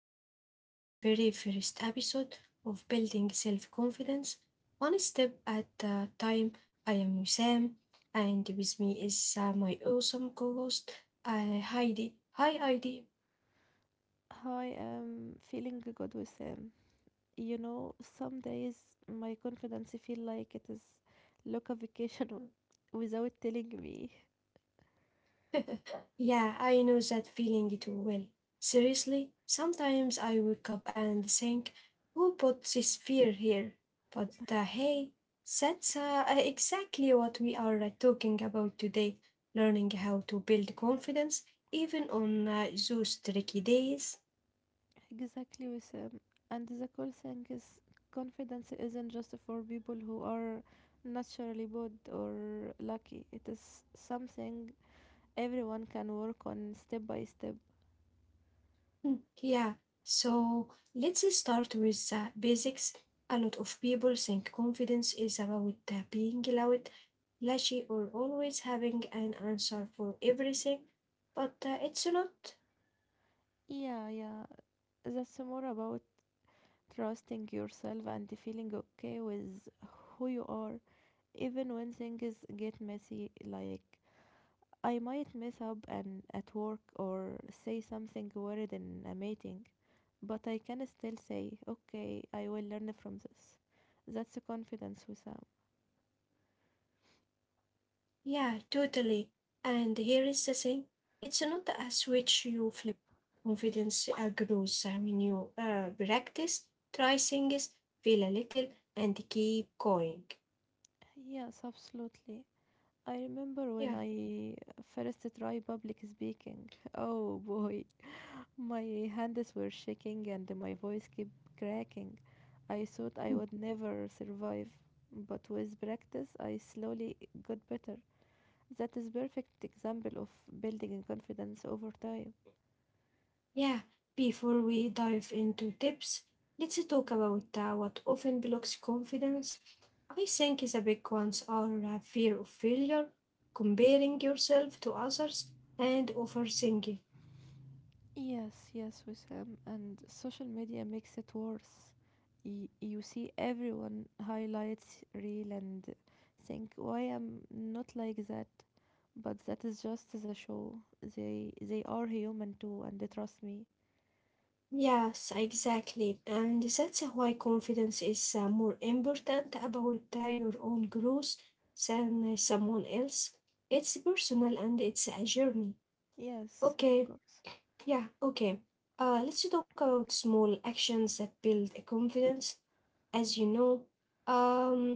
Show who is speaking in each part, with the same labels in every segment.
Speaker 1: welcome to our very first episode of Building Self Confidence One Step at a Time. I am Wissam, and with me is my awesome co host, Heidi. Hi, Heidi.
Speaker 2: Hi, I'm feeling good, with Wissam. You know, some days my confidence feel like it is look a vacation without telling me.
Speaker 1: Yeah, I know that feeling too well. Seriously, sometimes I wake up and think, who put this fear here? But hey, that's exactly what we are talking about today, learning how to build confidence even on those tricky days.
Speaker 2: Exactly, with Wissam. And the cool thing is, confidence isn't just for people who are naturally good or lucky. It is something everyone can work on step by step.
Speaker 1: Mm, yeah, so let's start with the basics. A lot of people think confidence is about being loud, flashy, or always having an answer for everything, but it's not.
Speaker 2: Yeah, yeah, that's more about trusting yourself and feeling okay with who you are, even when things get messy. Like, I might mess up and at work or say something weird in a meeting, but I can still say, okay, I will learn from this. That's a confidence, Wissam.
Speaker 1: Yeah, totally. And here is the thing, it's not a switch you flip. Confidence grows when you practice, try things, feel a little, and keep going.
Speaker 2: Yes, absolutely. I remember
Speaker 1: Yeah.
Speaker 2: when I first tried public speaking. Oh boy, my hands were shaking and my voice kept cracking. I thought
Speaker 1: Hmm.
Speaker 2: I would never survive, but with practice, I slowly got better. That is perfect example of building confidence over time.
Speaker 1: Yeah, before we dive into tips, let's talk about what often blocks confidence. I think the big ones are fear of failure, comparing yourself to others, and overthinking.
Speaker 2: Yes, yes, Wissam, and social media makes it worse. You see everyone highlights real and think, why am not like that? But that is just as a show. They are human too, and they trust me.
Speaker 1: Yes, exactly. And that's why confidence is more important about your own growth than someone else. It's personal and it's a journey.
Speaker 2: Yes, of
Speaker 1: Okay,
Speaker 2: course.
Speaker 1: yeah, okay. Let's talk about small actions that build a confidence. As you know, um,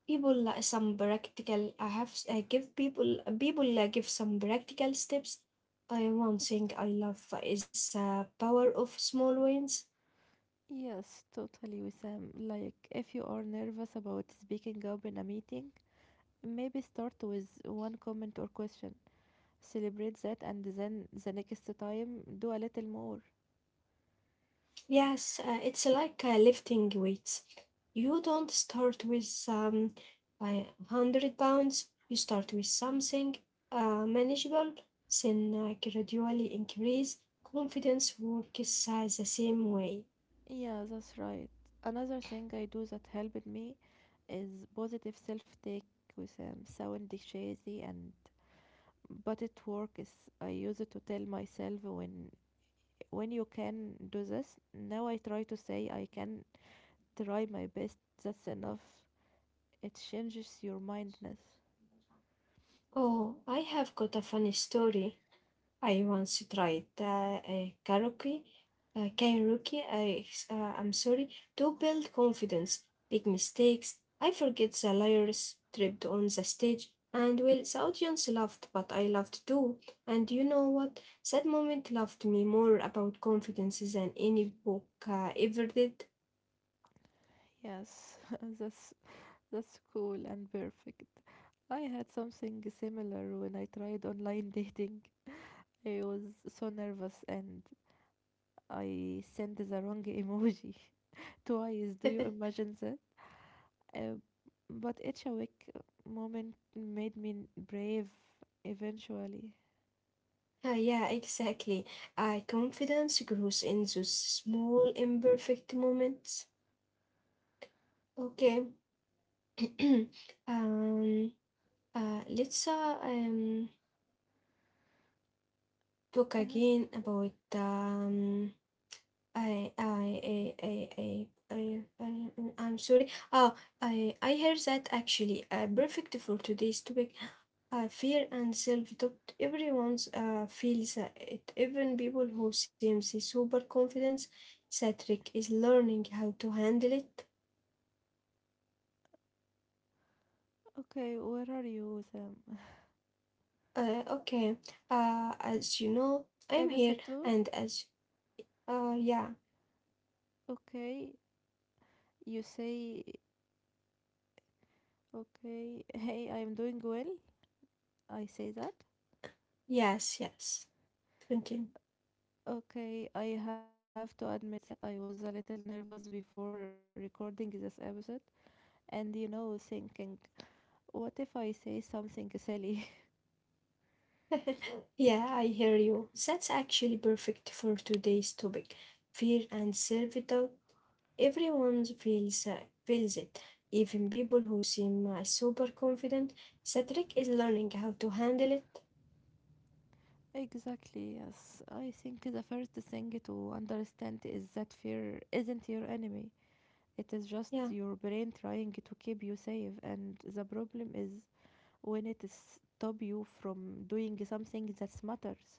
Speaker 1: people some practical. I have give people people give some practical steps. One thing I love is power of small wins.
Speaker 2: Yes, totally, Wissam. Like, if you are nervous about speaking up in a meeting, maybe start with one comment or question. Celebrate that and then the next time do a little more.
Speaker 1: Yes, it's like lifting weights. You don't start with a 100 pounds, you start with something manageable, then gradually increase. Confidence works the same way.
Speaker 2: Yeah, that's right. Another thing I do that helped me is positive self take with sound cheesy and but it works. I use it to tell myself when you can do this. Now I try to say I can try my best. That's enough. It changes your mindness.
Speaker 1: Oh, I have got a funny story. I once tried a karaoke. I'm sorry, to build confidence. Big mistakes. I forget the lyrics, tripped on the stage, and well, the audience laughed, but I laughed too. And you know what? That moment laughed me more about confidence than any book ever did.
Speaker 2: Yes, that's that's cool and perfect. I had something similar when I tried online dating. I was so nervous and I sent the wrong emoji twice. Do you imagine that? Uh, but each awake moment made me brave eventually.
Speaker 1: Yeah, exactly. Confidence grows in those small, imperfect moments. Okay. um, let's talk
Speaker 2: Uh,
Speaker 1: again about I, I, I, I, I, I, I, I'm sorry. Oh, I heard that actually perfect for today's topic. Fear and self-doubt. Everyone's feels it. Even people who seem super confident, Cedric is learning how to handle it.
Speaker 2: okay, where are you, Sam?
Speaker 1: Okay. As you know, I'm
Speaker 2: Episode
Speaker 1: here,
Speaker 2: 2?
Speaker 1: and as yeah,
Speaker 2: Okay, you say, okay, hey, I'm doing well. I say that.
Speaker 1: yes, yes. Continue.
Speaker 2: Okay, I have to admit that I was a little nervous before recording this episode, and you know, thinking, what if I say something silly?
Speaker 1: Yeah, I hear you. That's actually perfect for today's topic, fear and self-doubt. Everyone feels it, even people who seem super confident. The trick is learning how to handle it.
Speaker 2: Exactly, yes. I think the first thing to understand is that fear isn't your enemy. It is just
Speaker 1: Yeah.
Speaker 2: your brain trying to keep you safe, and the problem is when it stops you from doing something that matters.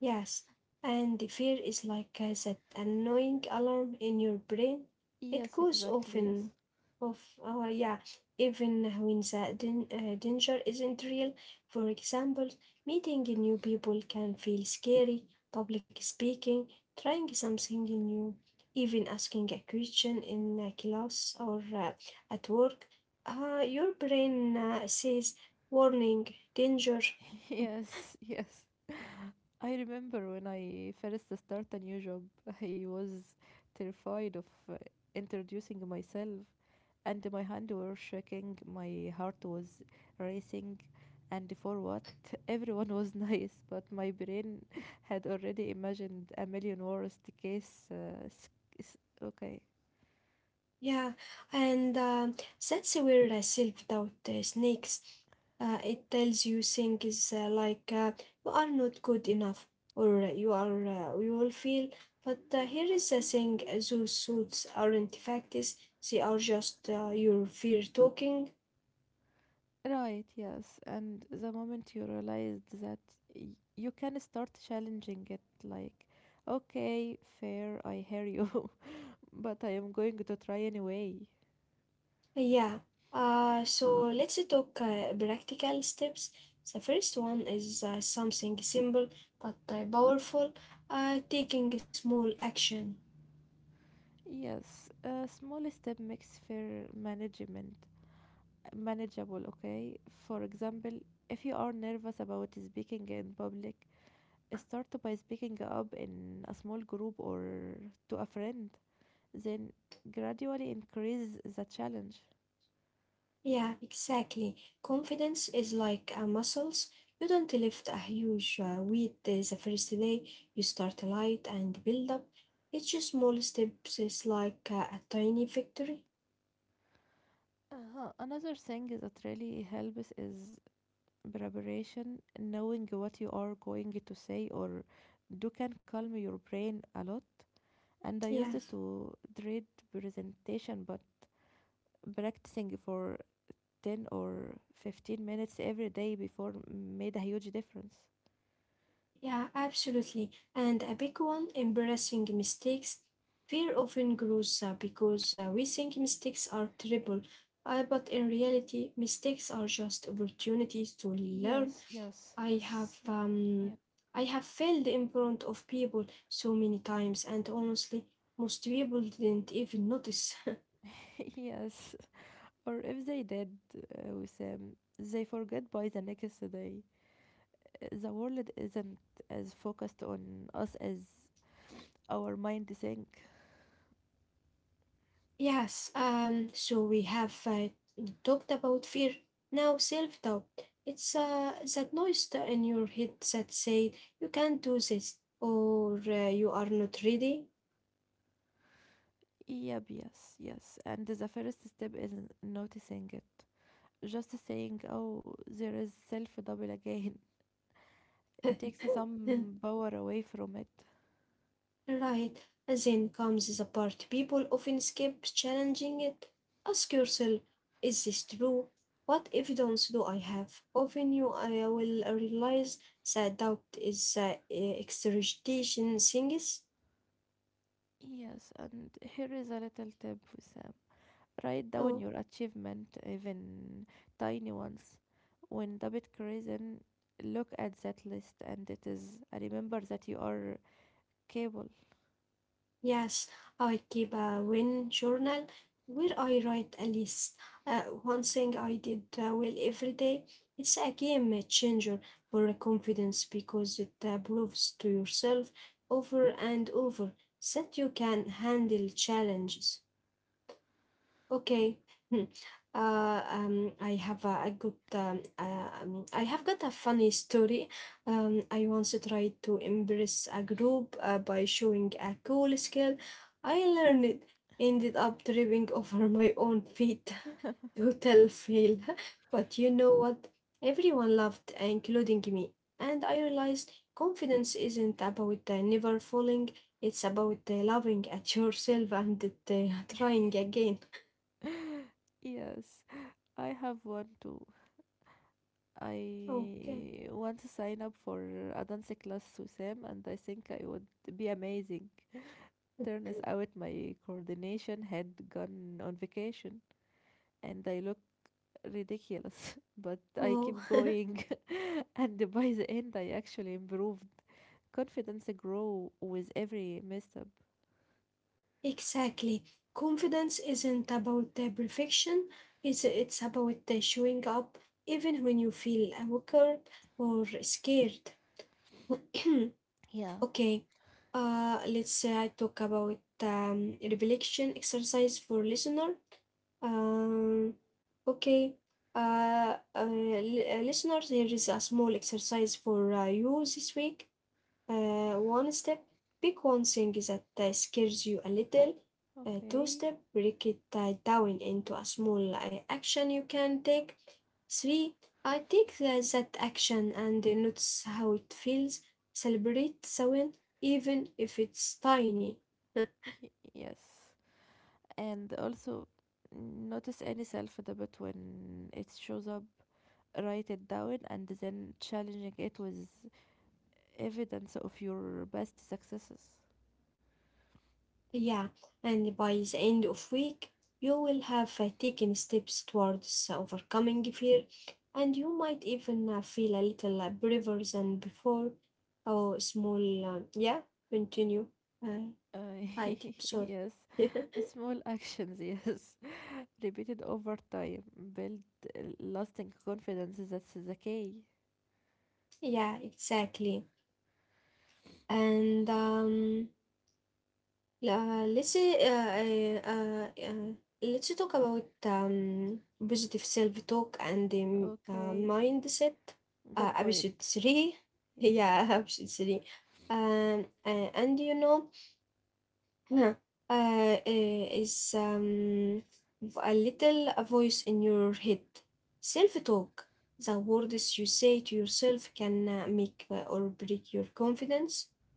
Speaker 1: Yes, and the fear is like that annoying alarm in your brain. It
Speaker 2: Yes,
Speaker 1: goes off
Speaker 2: exactly,
Speaker 1: in,
Speaker 2: yes.
Speaker 1: off, yeah, even when the danger isn't real. For example, meeting new people can feel scary, public speaking, trying something new, even asking a question in a class or at work. Your brain says, warning, danger.
Speaker 2: Yes, yes. I remember when I first start a new job, I was terrified of uh, introducing myself, and my hand were shaking, my heart was racing, and for what? Everyone was nice, but my brain had already imagined a million worst case. Okay.
Speaker 1: Yeah, and since we're self doubt snakes, it tells you things like you are not good enough or you will feel. But here is the thing: those suits aren't facts; they are just your fear talking.
Speaker 2: Right, yes. And the moment you realized that y- you can start challenging it, like, okay, fair, I hear you, but I am going to try anyway.
Speaker 1: Yeah. So let's talk practical steps. The first one is something simple but powerful, taking a small action.
Speaker 2: Yes, a small step makes fair management manageable, okay? For example, if you are nervous about speaking in public, start by speaking up in a small group or to a friend, then gradually increase the challenge.
Speaker 1: Yeah, exactly. Confidence is like muscles. You don't lift a huge weight the first day. You start light and build up. Each small steps is like a tiny victory.
Speaker 2: Uh-huh. Another thing that really helps is preparation. Knowing what you are going to say or do can calm your brain a lot, and I
Speaker 1: Yeah.
Speaker 2: used it to dread presentation, but practicing for 10 or 15 minutes every day before made a huge difference.
Speaker 1: Yeah, absolutely. And a big one embarrassing mistakes. Fear often grows because we think mistakes are terrible, but in reality, mistakes are just opportunities to learn. I have um,
Speaker 2: Yeah.
Speaker 1: I have failed in front of people so many times, and honestly, most people didn't even notice.
Speaker 2: Yes, or if they did, they forget by the next day. The world isn't as focused on us as our mind think.
Speaker 1: Yes, so we have talked about fear. Now, self doubt. It's that noise in your head that say you can't do this or you are not ready.
Speaker 2: Yep, yes, yes. And the first step is noticing it. Just saying, oh, there is self double again, takes
Speaker 1: Right.
Speaker 2: some power away from it.
Speaker 1: Then comes the part people often skip challenging it. Ask yourself, is this true? What evidence do I have? Often you will realize that doubt is exaggeration things.
Speaker 2: Yes, and here is a little tip for Sam. Write down your achievement, even tiny ones. When David Crazen, look at that list, and it is remember that you are capable.
Speaker 1: Yes, I keep a win journal where
Speaker 2: Yeah,
Speaker 1: I write a list. One thing I did well every day. It's a game changer for confidence because it proves to yourself over and over that you can handle challenges. Okay. Hmm. I have got a funny story. I once tried to impress a group by showing a cool skill. I learned it, ended up tripping over my own feet. Total fail. But you know what? Everyone laughed, including me. And I realized confidence isn't about never falling. It's about loving at yourself and trying again.
Speaker 2: yeah. Yes, I have one too.
Speaker 1: Okay.
Speaker 2: I want to sign up for a dance class with Sam, and I think I would be amazing. Turns out my coordination had gone on vacation and I looked ridiculous. But I kept
Speaker 1: Oh,
Speaker 2: going and by the end I actually improved. Confidence grow with every misstep.
Speaker 1: exactly. Confidence isn't about the perfection. It's about the showing up even when you feel awkward or scared. Okay. Let's talk about reflection exercise for listener. Um, okay. Listeners, here is a small exercise for you this week. One step, pick one thing that scares you a little. Two
Speaker 2: Okay.
Speaker 1: step, break it down into a small action you can take. Three, I take that action and notice how it feels. Celebrate the win, even if it's tiny.
Speaker 2: Yes. And also notice any self-doubt when it shows up. Write it down and then challenging it with evidence of your best successes.
Speaker 1: Yeah, and by the end of week, you will have taken steps towards overcoming fear, and you might even feel a little braver than before. Oh, small, yeah, continue. Uh,
Speaker 2: Uh,
Speaker 1: hide, sorry.
Speaker 2: yes, small actions, yes, repeated over time build lasting confidence. That's the key.
Speaker 1: Yeah, exactly. And yeah, let's say let's talk about positive self-talk and
Speaker 2: Okay,
Speaker 1: mindset. Uh,
Speaker 2: good
Speaker 1: episode
Speaker 2: point.
Speaker 1: three.
Speaker 2: Yes.
Speaker 1: Yeah, episode three. Um, uh, and uh, is a little a voice in your head. Self-talk, the words you say to yourself can make or break your confidence.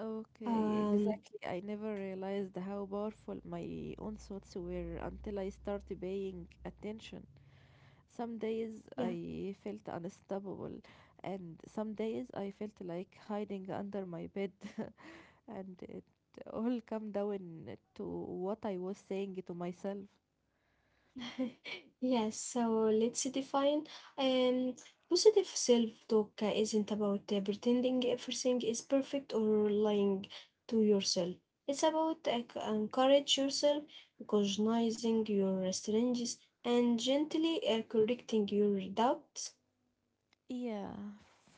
Speaker 2: Okay,
Speaker 1: Um,
Speaker 2: exactly. I never realized how powerful my own thoughts were until I started paying attention. Some days
Speaker 1: yeah.
Speaker 2: I felt unstoppable, and some days I felt like hiding under my bed, and it all come down to what I was saying to myself.
Speaker 1: Yes, so let's define um positive self-talk isn't about pretending everything is perfect or lying to yourself. It's about encourage yourself, recognizing your strengths, and gently correcting your doubts.
Speaker 2: Yeah,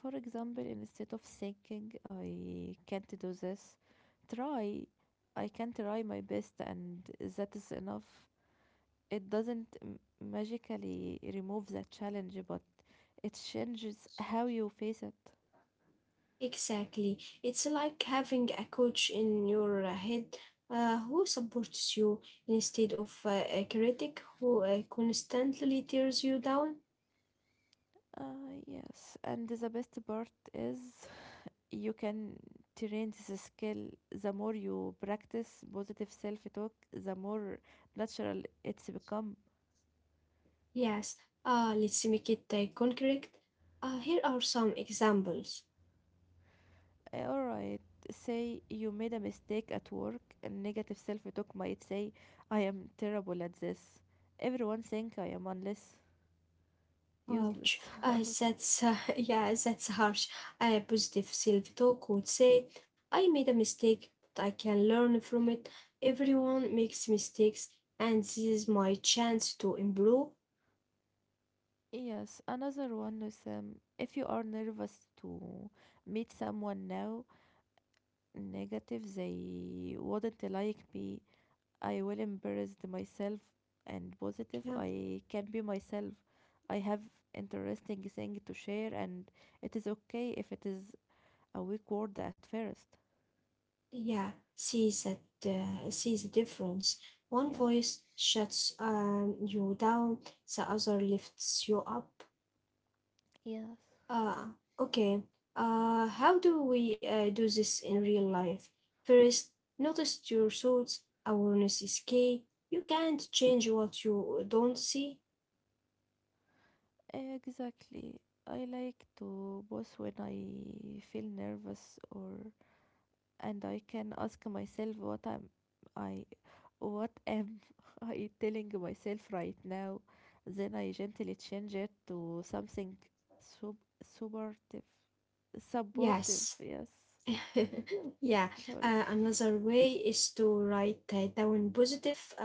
Speaker 2: for example, instead of thinking I can't do this, try I can try my best and that is enough. It doesn't magically remove that challenge, but it changes how you face it.
Speaker 1: Exactly. It's like having a coach in your head who supports you instead of a critic who constantly tears you down.
Speaker 2: Yes, and the best part is you can train this skill. The more you practice positive self-talk, the more natural it's become.
Speaker 1: Yes, let's make it concrete. Here are some examples.
Speaker 2: All right, say you made a mistake at work and negative self-talk might say, I am terrible at this. Everyone think I am unless useless.
Speaker 1: Ouch. That's yeah, that's harsh. A positive self-talk would say, "I made a mistake, but I can learn from it. Everyone makes mistakes, and this is my chance to improve."
Speaker 2: Yes, another one is, if you are nervous to meet someone now, negative, they wouldn't like me, I will embrace the myself, and positive,
Speaker 1: Yeah,
Speaker 2: I can be myself. I have interesting thing to share and it is okay if it is a weak word at first.
Speaker 1: yeah. See that. See the difference. One
Speaker 2: Yeah.
Speaker 1: voice shuts you down. The other lifts you up.
Speaker 2: Yes.
Speaker 1: Ah, okay. How do we do this in real life? First, notice your thoughts. Awareness is key. You can't change what you don't see.
Speaker 2: Exactly. I like to boss when I feel nervous or and I can ask myself I what am I telling myself right now? Then I gently change it to something sub supportive. Supportive,
Speaker 1: Yes.
Speaker 2: yes.
Speaker 1: Yeah.
Speaker 2: Sorry.
Speaker 1: Another way is to write down positive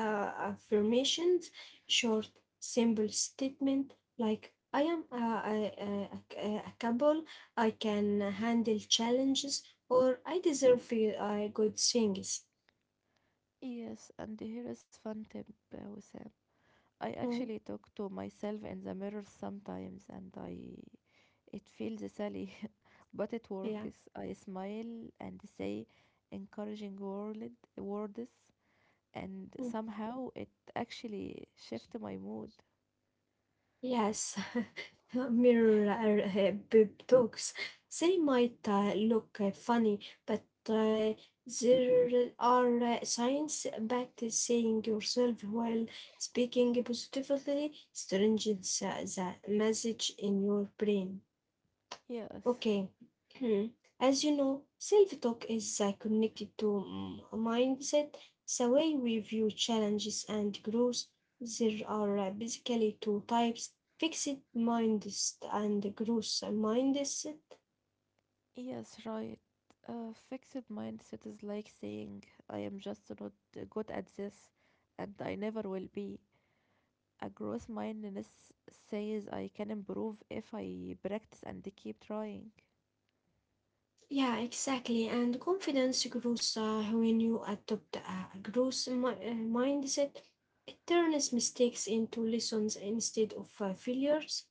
Speaker 1: affirmations, short, simple statement like I am a couple. I can handle challenges, or I deserve good things.
Speaker 2: Yes, and here is fun tip, Wissam. I
Speaker 1: Oh,
Speaker 2: actually talk to myself in the mirror sometimes, and I it feels silly, but it
Speaker 1: yeah.
Speaker 2: works. I smile and say encouraging word, words, and
Speaker 1: Mm,
Speaker 2: somehow it actually shifts my mood.
Speaker 1: yes. Mirror boob talks. They might look funny, but uh, there are signs back to saying yourself while speaking positively strengthens the message in your brain.
Speaker 2: Yes,
Speaker 1: Okay. Hmm. As you know, self talk is connected to mindset, the way we view challenges and growth. There are basically two types fixed mindset and growth mindset.
Speaker 2: yes, right. A fixed mindset is like saying, I am just not good at this and I never will be. A growth mindedness says I can improve if I practice and keep trying.
Speaker 1: Yeah, exactly. And confidence grows when you adopt a growth mindset. It turns mistakes into lessons instead of failures.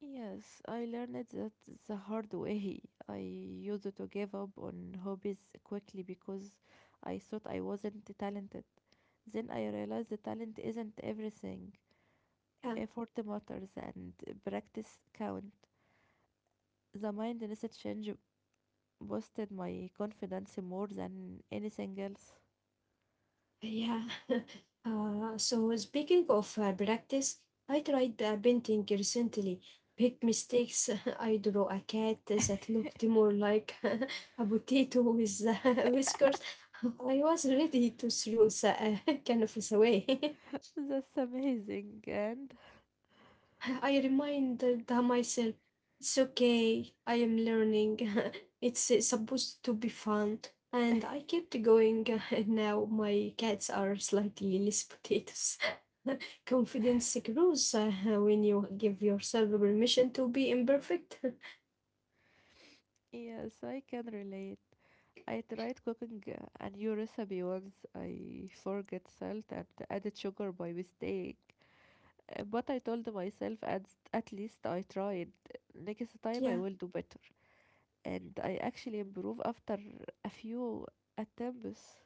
Speaker 2: Yes, I learned that the hard way. I used to give up on hobbies quickly because I thought I wasn't talented. Then I realized the talent isn't everything.
Speaker 1: Yeah.
Speaker 2: Effort matters and practice count. The mindset change boosted my confidence more than anything else.
Speaker 1: Yeah. So speaking of practice, I tried painting recently. Big mistakes. I drew a cat that looked more like a potato with whiskers. I was ready to throw the canvas away.
Speaker 2: That's amazing, and
Speaker 1: I reminded myself, it's okay. I am learning. It's supposed to be fun. And I kept going. Now my cats are slightly less potatoes. Confidence grows when you give yourself permission to be imperfect.
Speaker 2: yes, I can relate. I tried cooking a new recipe once. I forget salt and added sugar by mistake. But I told myself at least I tried. Next time I will
Speaker 1: Yeah,
Speaker 2: do better. And I actually improved after a few attempts.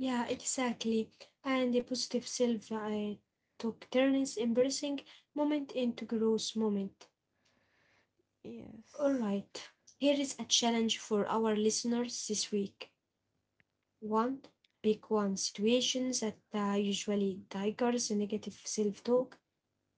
Speaker 1: yeah, exactly. And a positive self I took turns embracing moment into growth moment. All
Speaker 2: Yes.
Speaker 1: right. Here is a challenge for our listeners this week. One, pick one situation that usually triggers negative self talk.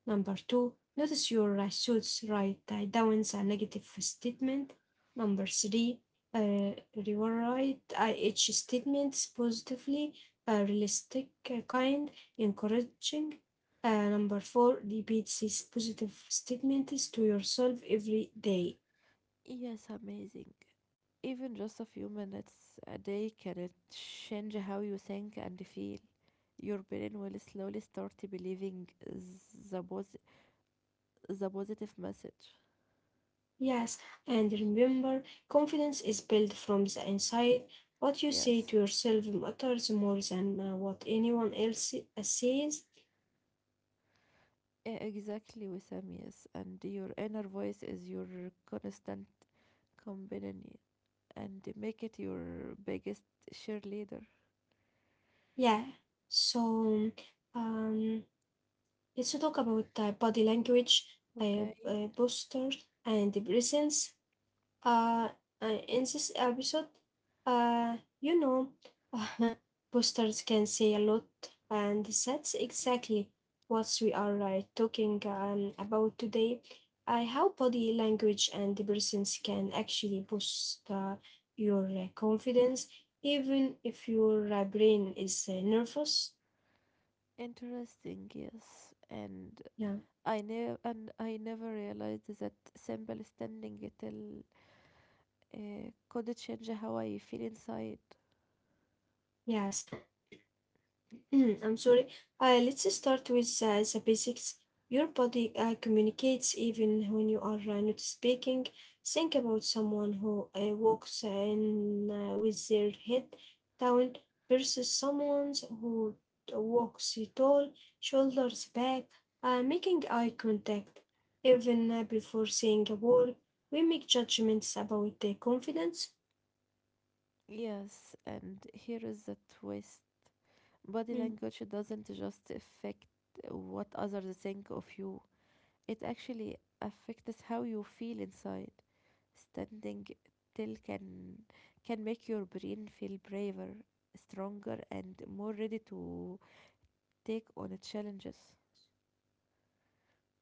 Speaker 1: Number two, notice your thoughts, write down a negative statement. Number three, rewrite each statement positively, realistic, kind, encouraging. Number four, repeat these positive statements to yourself every day.
Speaker 2: Yes, amazing. Even just a few minutes a day can change how you think and feel. Your brain will slowly start believing the positive message.
Speaker 1: Yes, and remember, confidence is built from the inside. What you say to
Speaker 2: Yes,
Speaker 1: yourself matters more than what anyone else says.
Speaker 2: exactly, Wissam, yes. And your inner voice is your constant companion and make it your biggest cheerleader.
Speaker 1: Yeah. So, um, let's talk about body language,
Speaker 2: Okay,
Speaker 1: posture, and the presence. Uh, in this episode, uh, you know, postures can say a lot, and that's exactly what we are talking about today. How body language and the presence can actually boost your confidence, even if your brain is nervous.
Speaker 2: interesting, yes. And
Speaker 1: Yeah,
Speaker 2: I never realized that simple standing till could change how I feel inside.
Speaker 1: yes. I'm sorry. Let's start with the basics. Your body communicates even when you are not speaking. Think about someone who walks in with their head down versus someone who walks tall, shoulders back, making eye contact. Even before saying a word, we make judgments about their confidence.
Speaker 2: Yes, and here is the twist. Body
Speaker 1: Hmm.
Speaker 2: language doesn't just affect what others think of you. It actually affects how you feel inside. Standing still can make your brain feel braver, stronger, and more ready to take on challenges.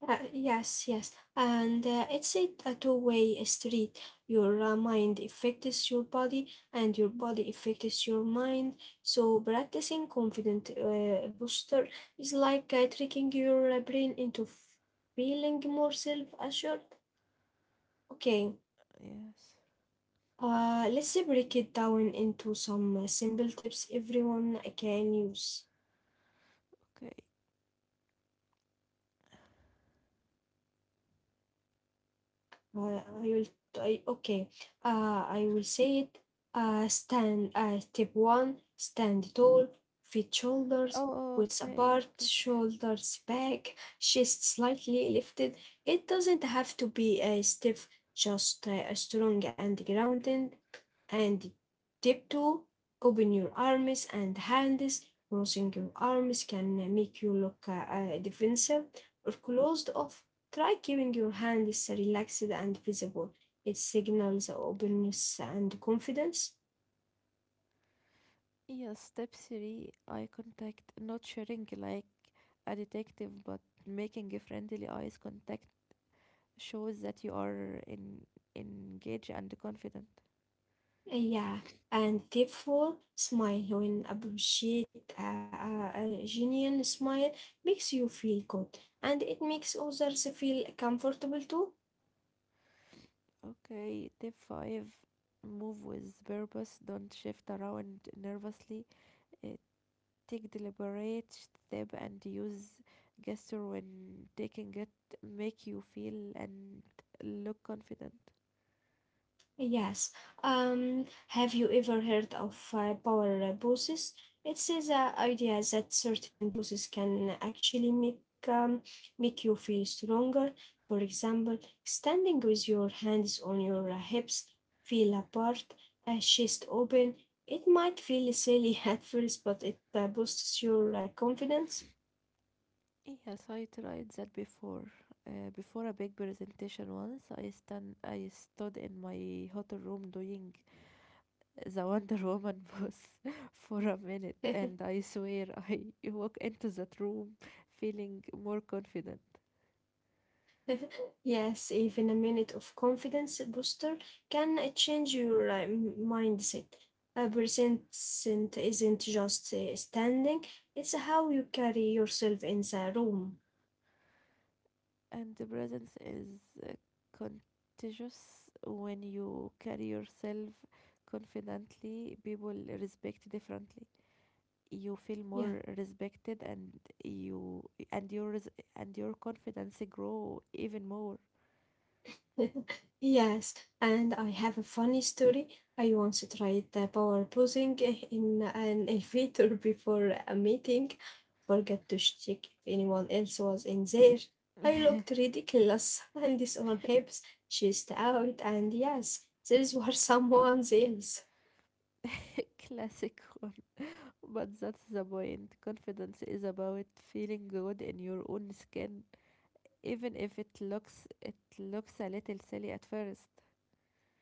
Speaker 1: Yes, yes, and it's a two-way street. Your mind affects your body, and your body affects your mind. So practicing confident posture is like tricking your brain into feeling more self-assured. Okay,
Speaker 2: Yes.
Speaker 1: let's break it down into some simple tips everyone can use.
Speaker 2: Okay.
Speaker 1: uh, I will I, okay I will say it, stand step one, stand tall, feet shoulders
Speaker 2: Oh,
Speaker 1: width
Speaker 2: okay.
Speaker 1: apart, shoulders back, chest slightly lifted. It doesn't have to be a stiff, just strong and grounded. And tip two: open your arms and hands. Crossing your arms can make you look defensive or closed off. Try keeping your hands relaxed and visible. It signals openness and confidence.
Speaker 2: Yes, step three, eye contact, not sharing like a detective, but making a friendly eyes contact shows that you are engaged and confident.
Speaker 1: Yeah. And tip four, smile. When appreciate a genuine smile makes you feel good and it makes others feel comfortable too.
Speaker 2: Okay, tip five, move with purpose, don't shift around nervously. Uh, Take deliberate step and use gesture when taking it, make you feel and look confident.
Speaker 1: Yes. Have you ever heard of power bosses? It's the idea that certain bosses can actually make um, make you feel stronger. For example, standing with your hands on your hips, feel apart, a chest open. It might feel silly at first, but it boosts your confidence.
Speaker 2: Yes, I tried that before. Before a big presentation once, I stood in my hotel room doing the Wonder Woman pose for a minute, and I swear I walk into that room feeling more confident.
Speaker 1: Yes, even a minute of confidence booster can change your mindset. A percent isn't just standing, it's how you carry yourself in the room.
Speaker 2: And the presence is contagious. When you carry yourself confidently, people respect differently. You feel
Speaker 1: Yeah.
Speaker 2: more respected, and you and your res- your confidence grow even more.
Speaker 1: Yes, and I have a funny story. I once tried the power posing in an elevator before a meeting, forgot to check if anyone else was in there. I looked ridiculous, and this one helps. She out, and yes, there was someone else.
Speaker 2: Classic. But that's the point. Confidence is about feeling good in your own skin, even if it looks a little silly at first.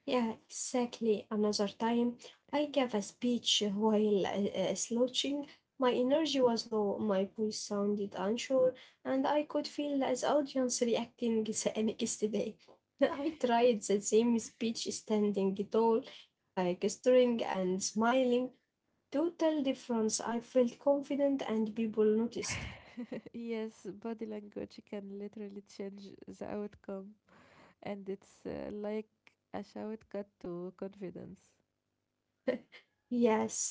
Speaker 1: Yeah, exactly. Another time, I gave a speech while slouching. My energy was low, my voice sounded unsure, and I could feel the audience reacting the next day. I tried the same speech standing tall, gesturing and smiling. Total difference. I felt confident and people noticed.
Speaker 2: Yes, body language can literally change the outcome, and it's like a shortcut to confidence.
Speaker 1: Yes.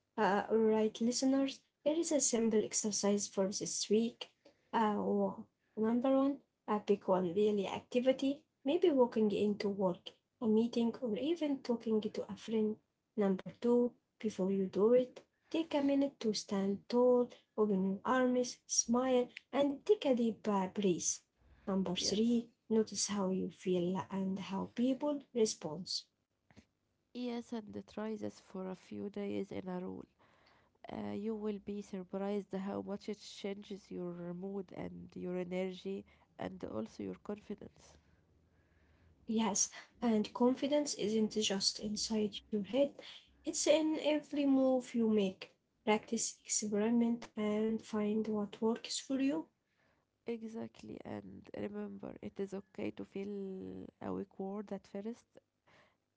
Speaker 1: All right, listeners, here is a simple exercise for this week. Uh, wa- Number one, pick one daily activity, maybe walking into work, a meeting, or even talking to a friend. Number two, before you do it, take a minute to stand tall, open your arms, smile, and take a deep breath. Number three, notice how you feel and how people respond.
Speaker 2: Yes, and try this for a few days in a row. You will be surprised how much it changes your mood and your energy, and also your confidence.
Speaker 1: Yes, and confidence isn't just inside your head, it's in every move you make. Practice, experiment, and find what works for you.
Speaker 2: Exactly, and remember, it is okay to feel awkward at first.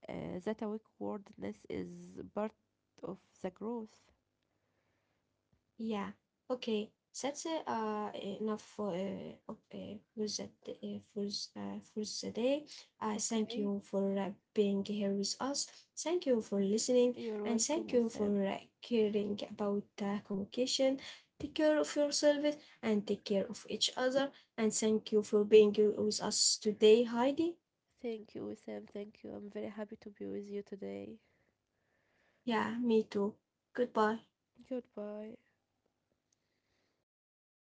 Speaker 2: That awkwardness is part of the growth.
Speaker 1: Yeah. Okay. That's enough for for the day. Thank
Speaker 2: Okay,
Speaker 1: you for being here with us. Thank you for listening,
Speaker 2: you're
Speaker 1: and
Speaker 2: welcome,
Speaker 1: thank you for
Speaker 2: Wissam.
Speaker 1: caring about communication. Take care of yourself and take care of each other. And thank you for being with us today, Heidi.
Speaker 2: Thank you, Wissam. Thank you. I'm very happy to be with you today.
Speaker 1: Yeah, me too. Goodbye.
Speaker 2: Goodbye.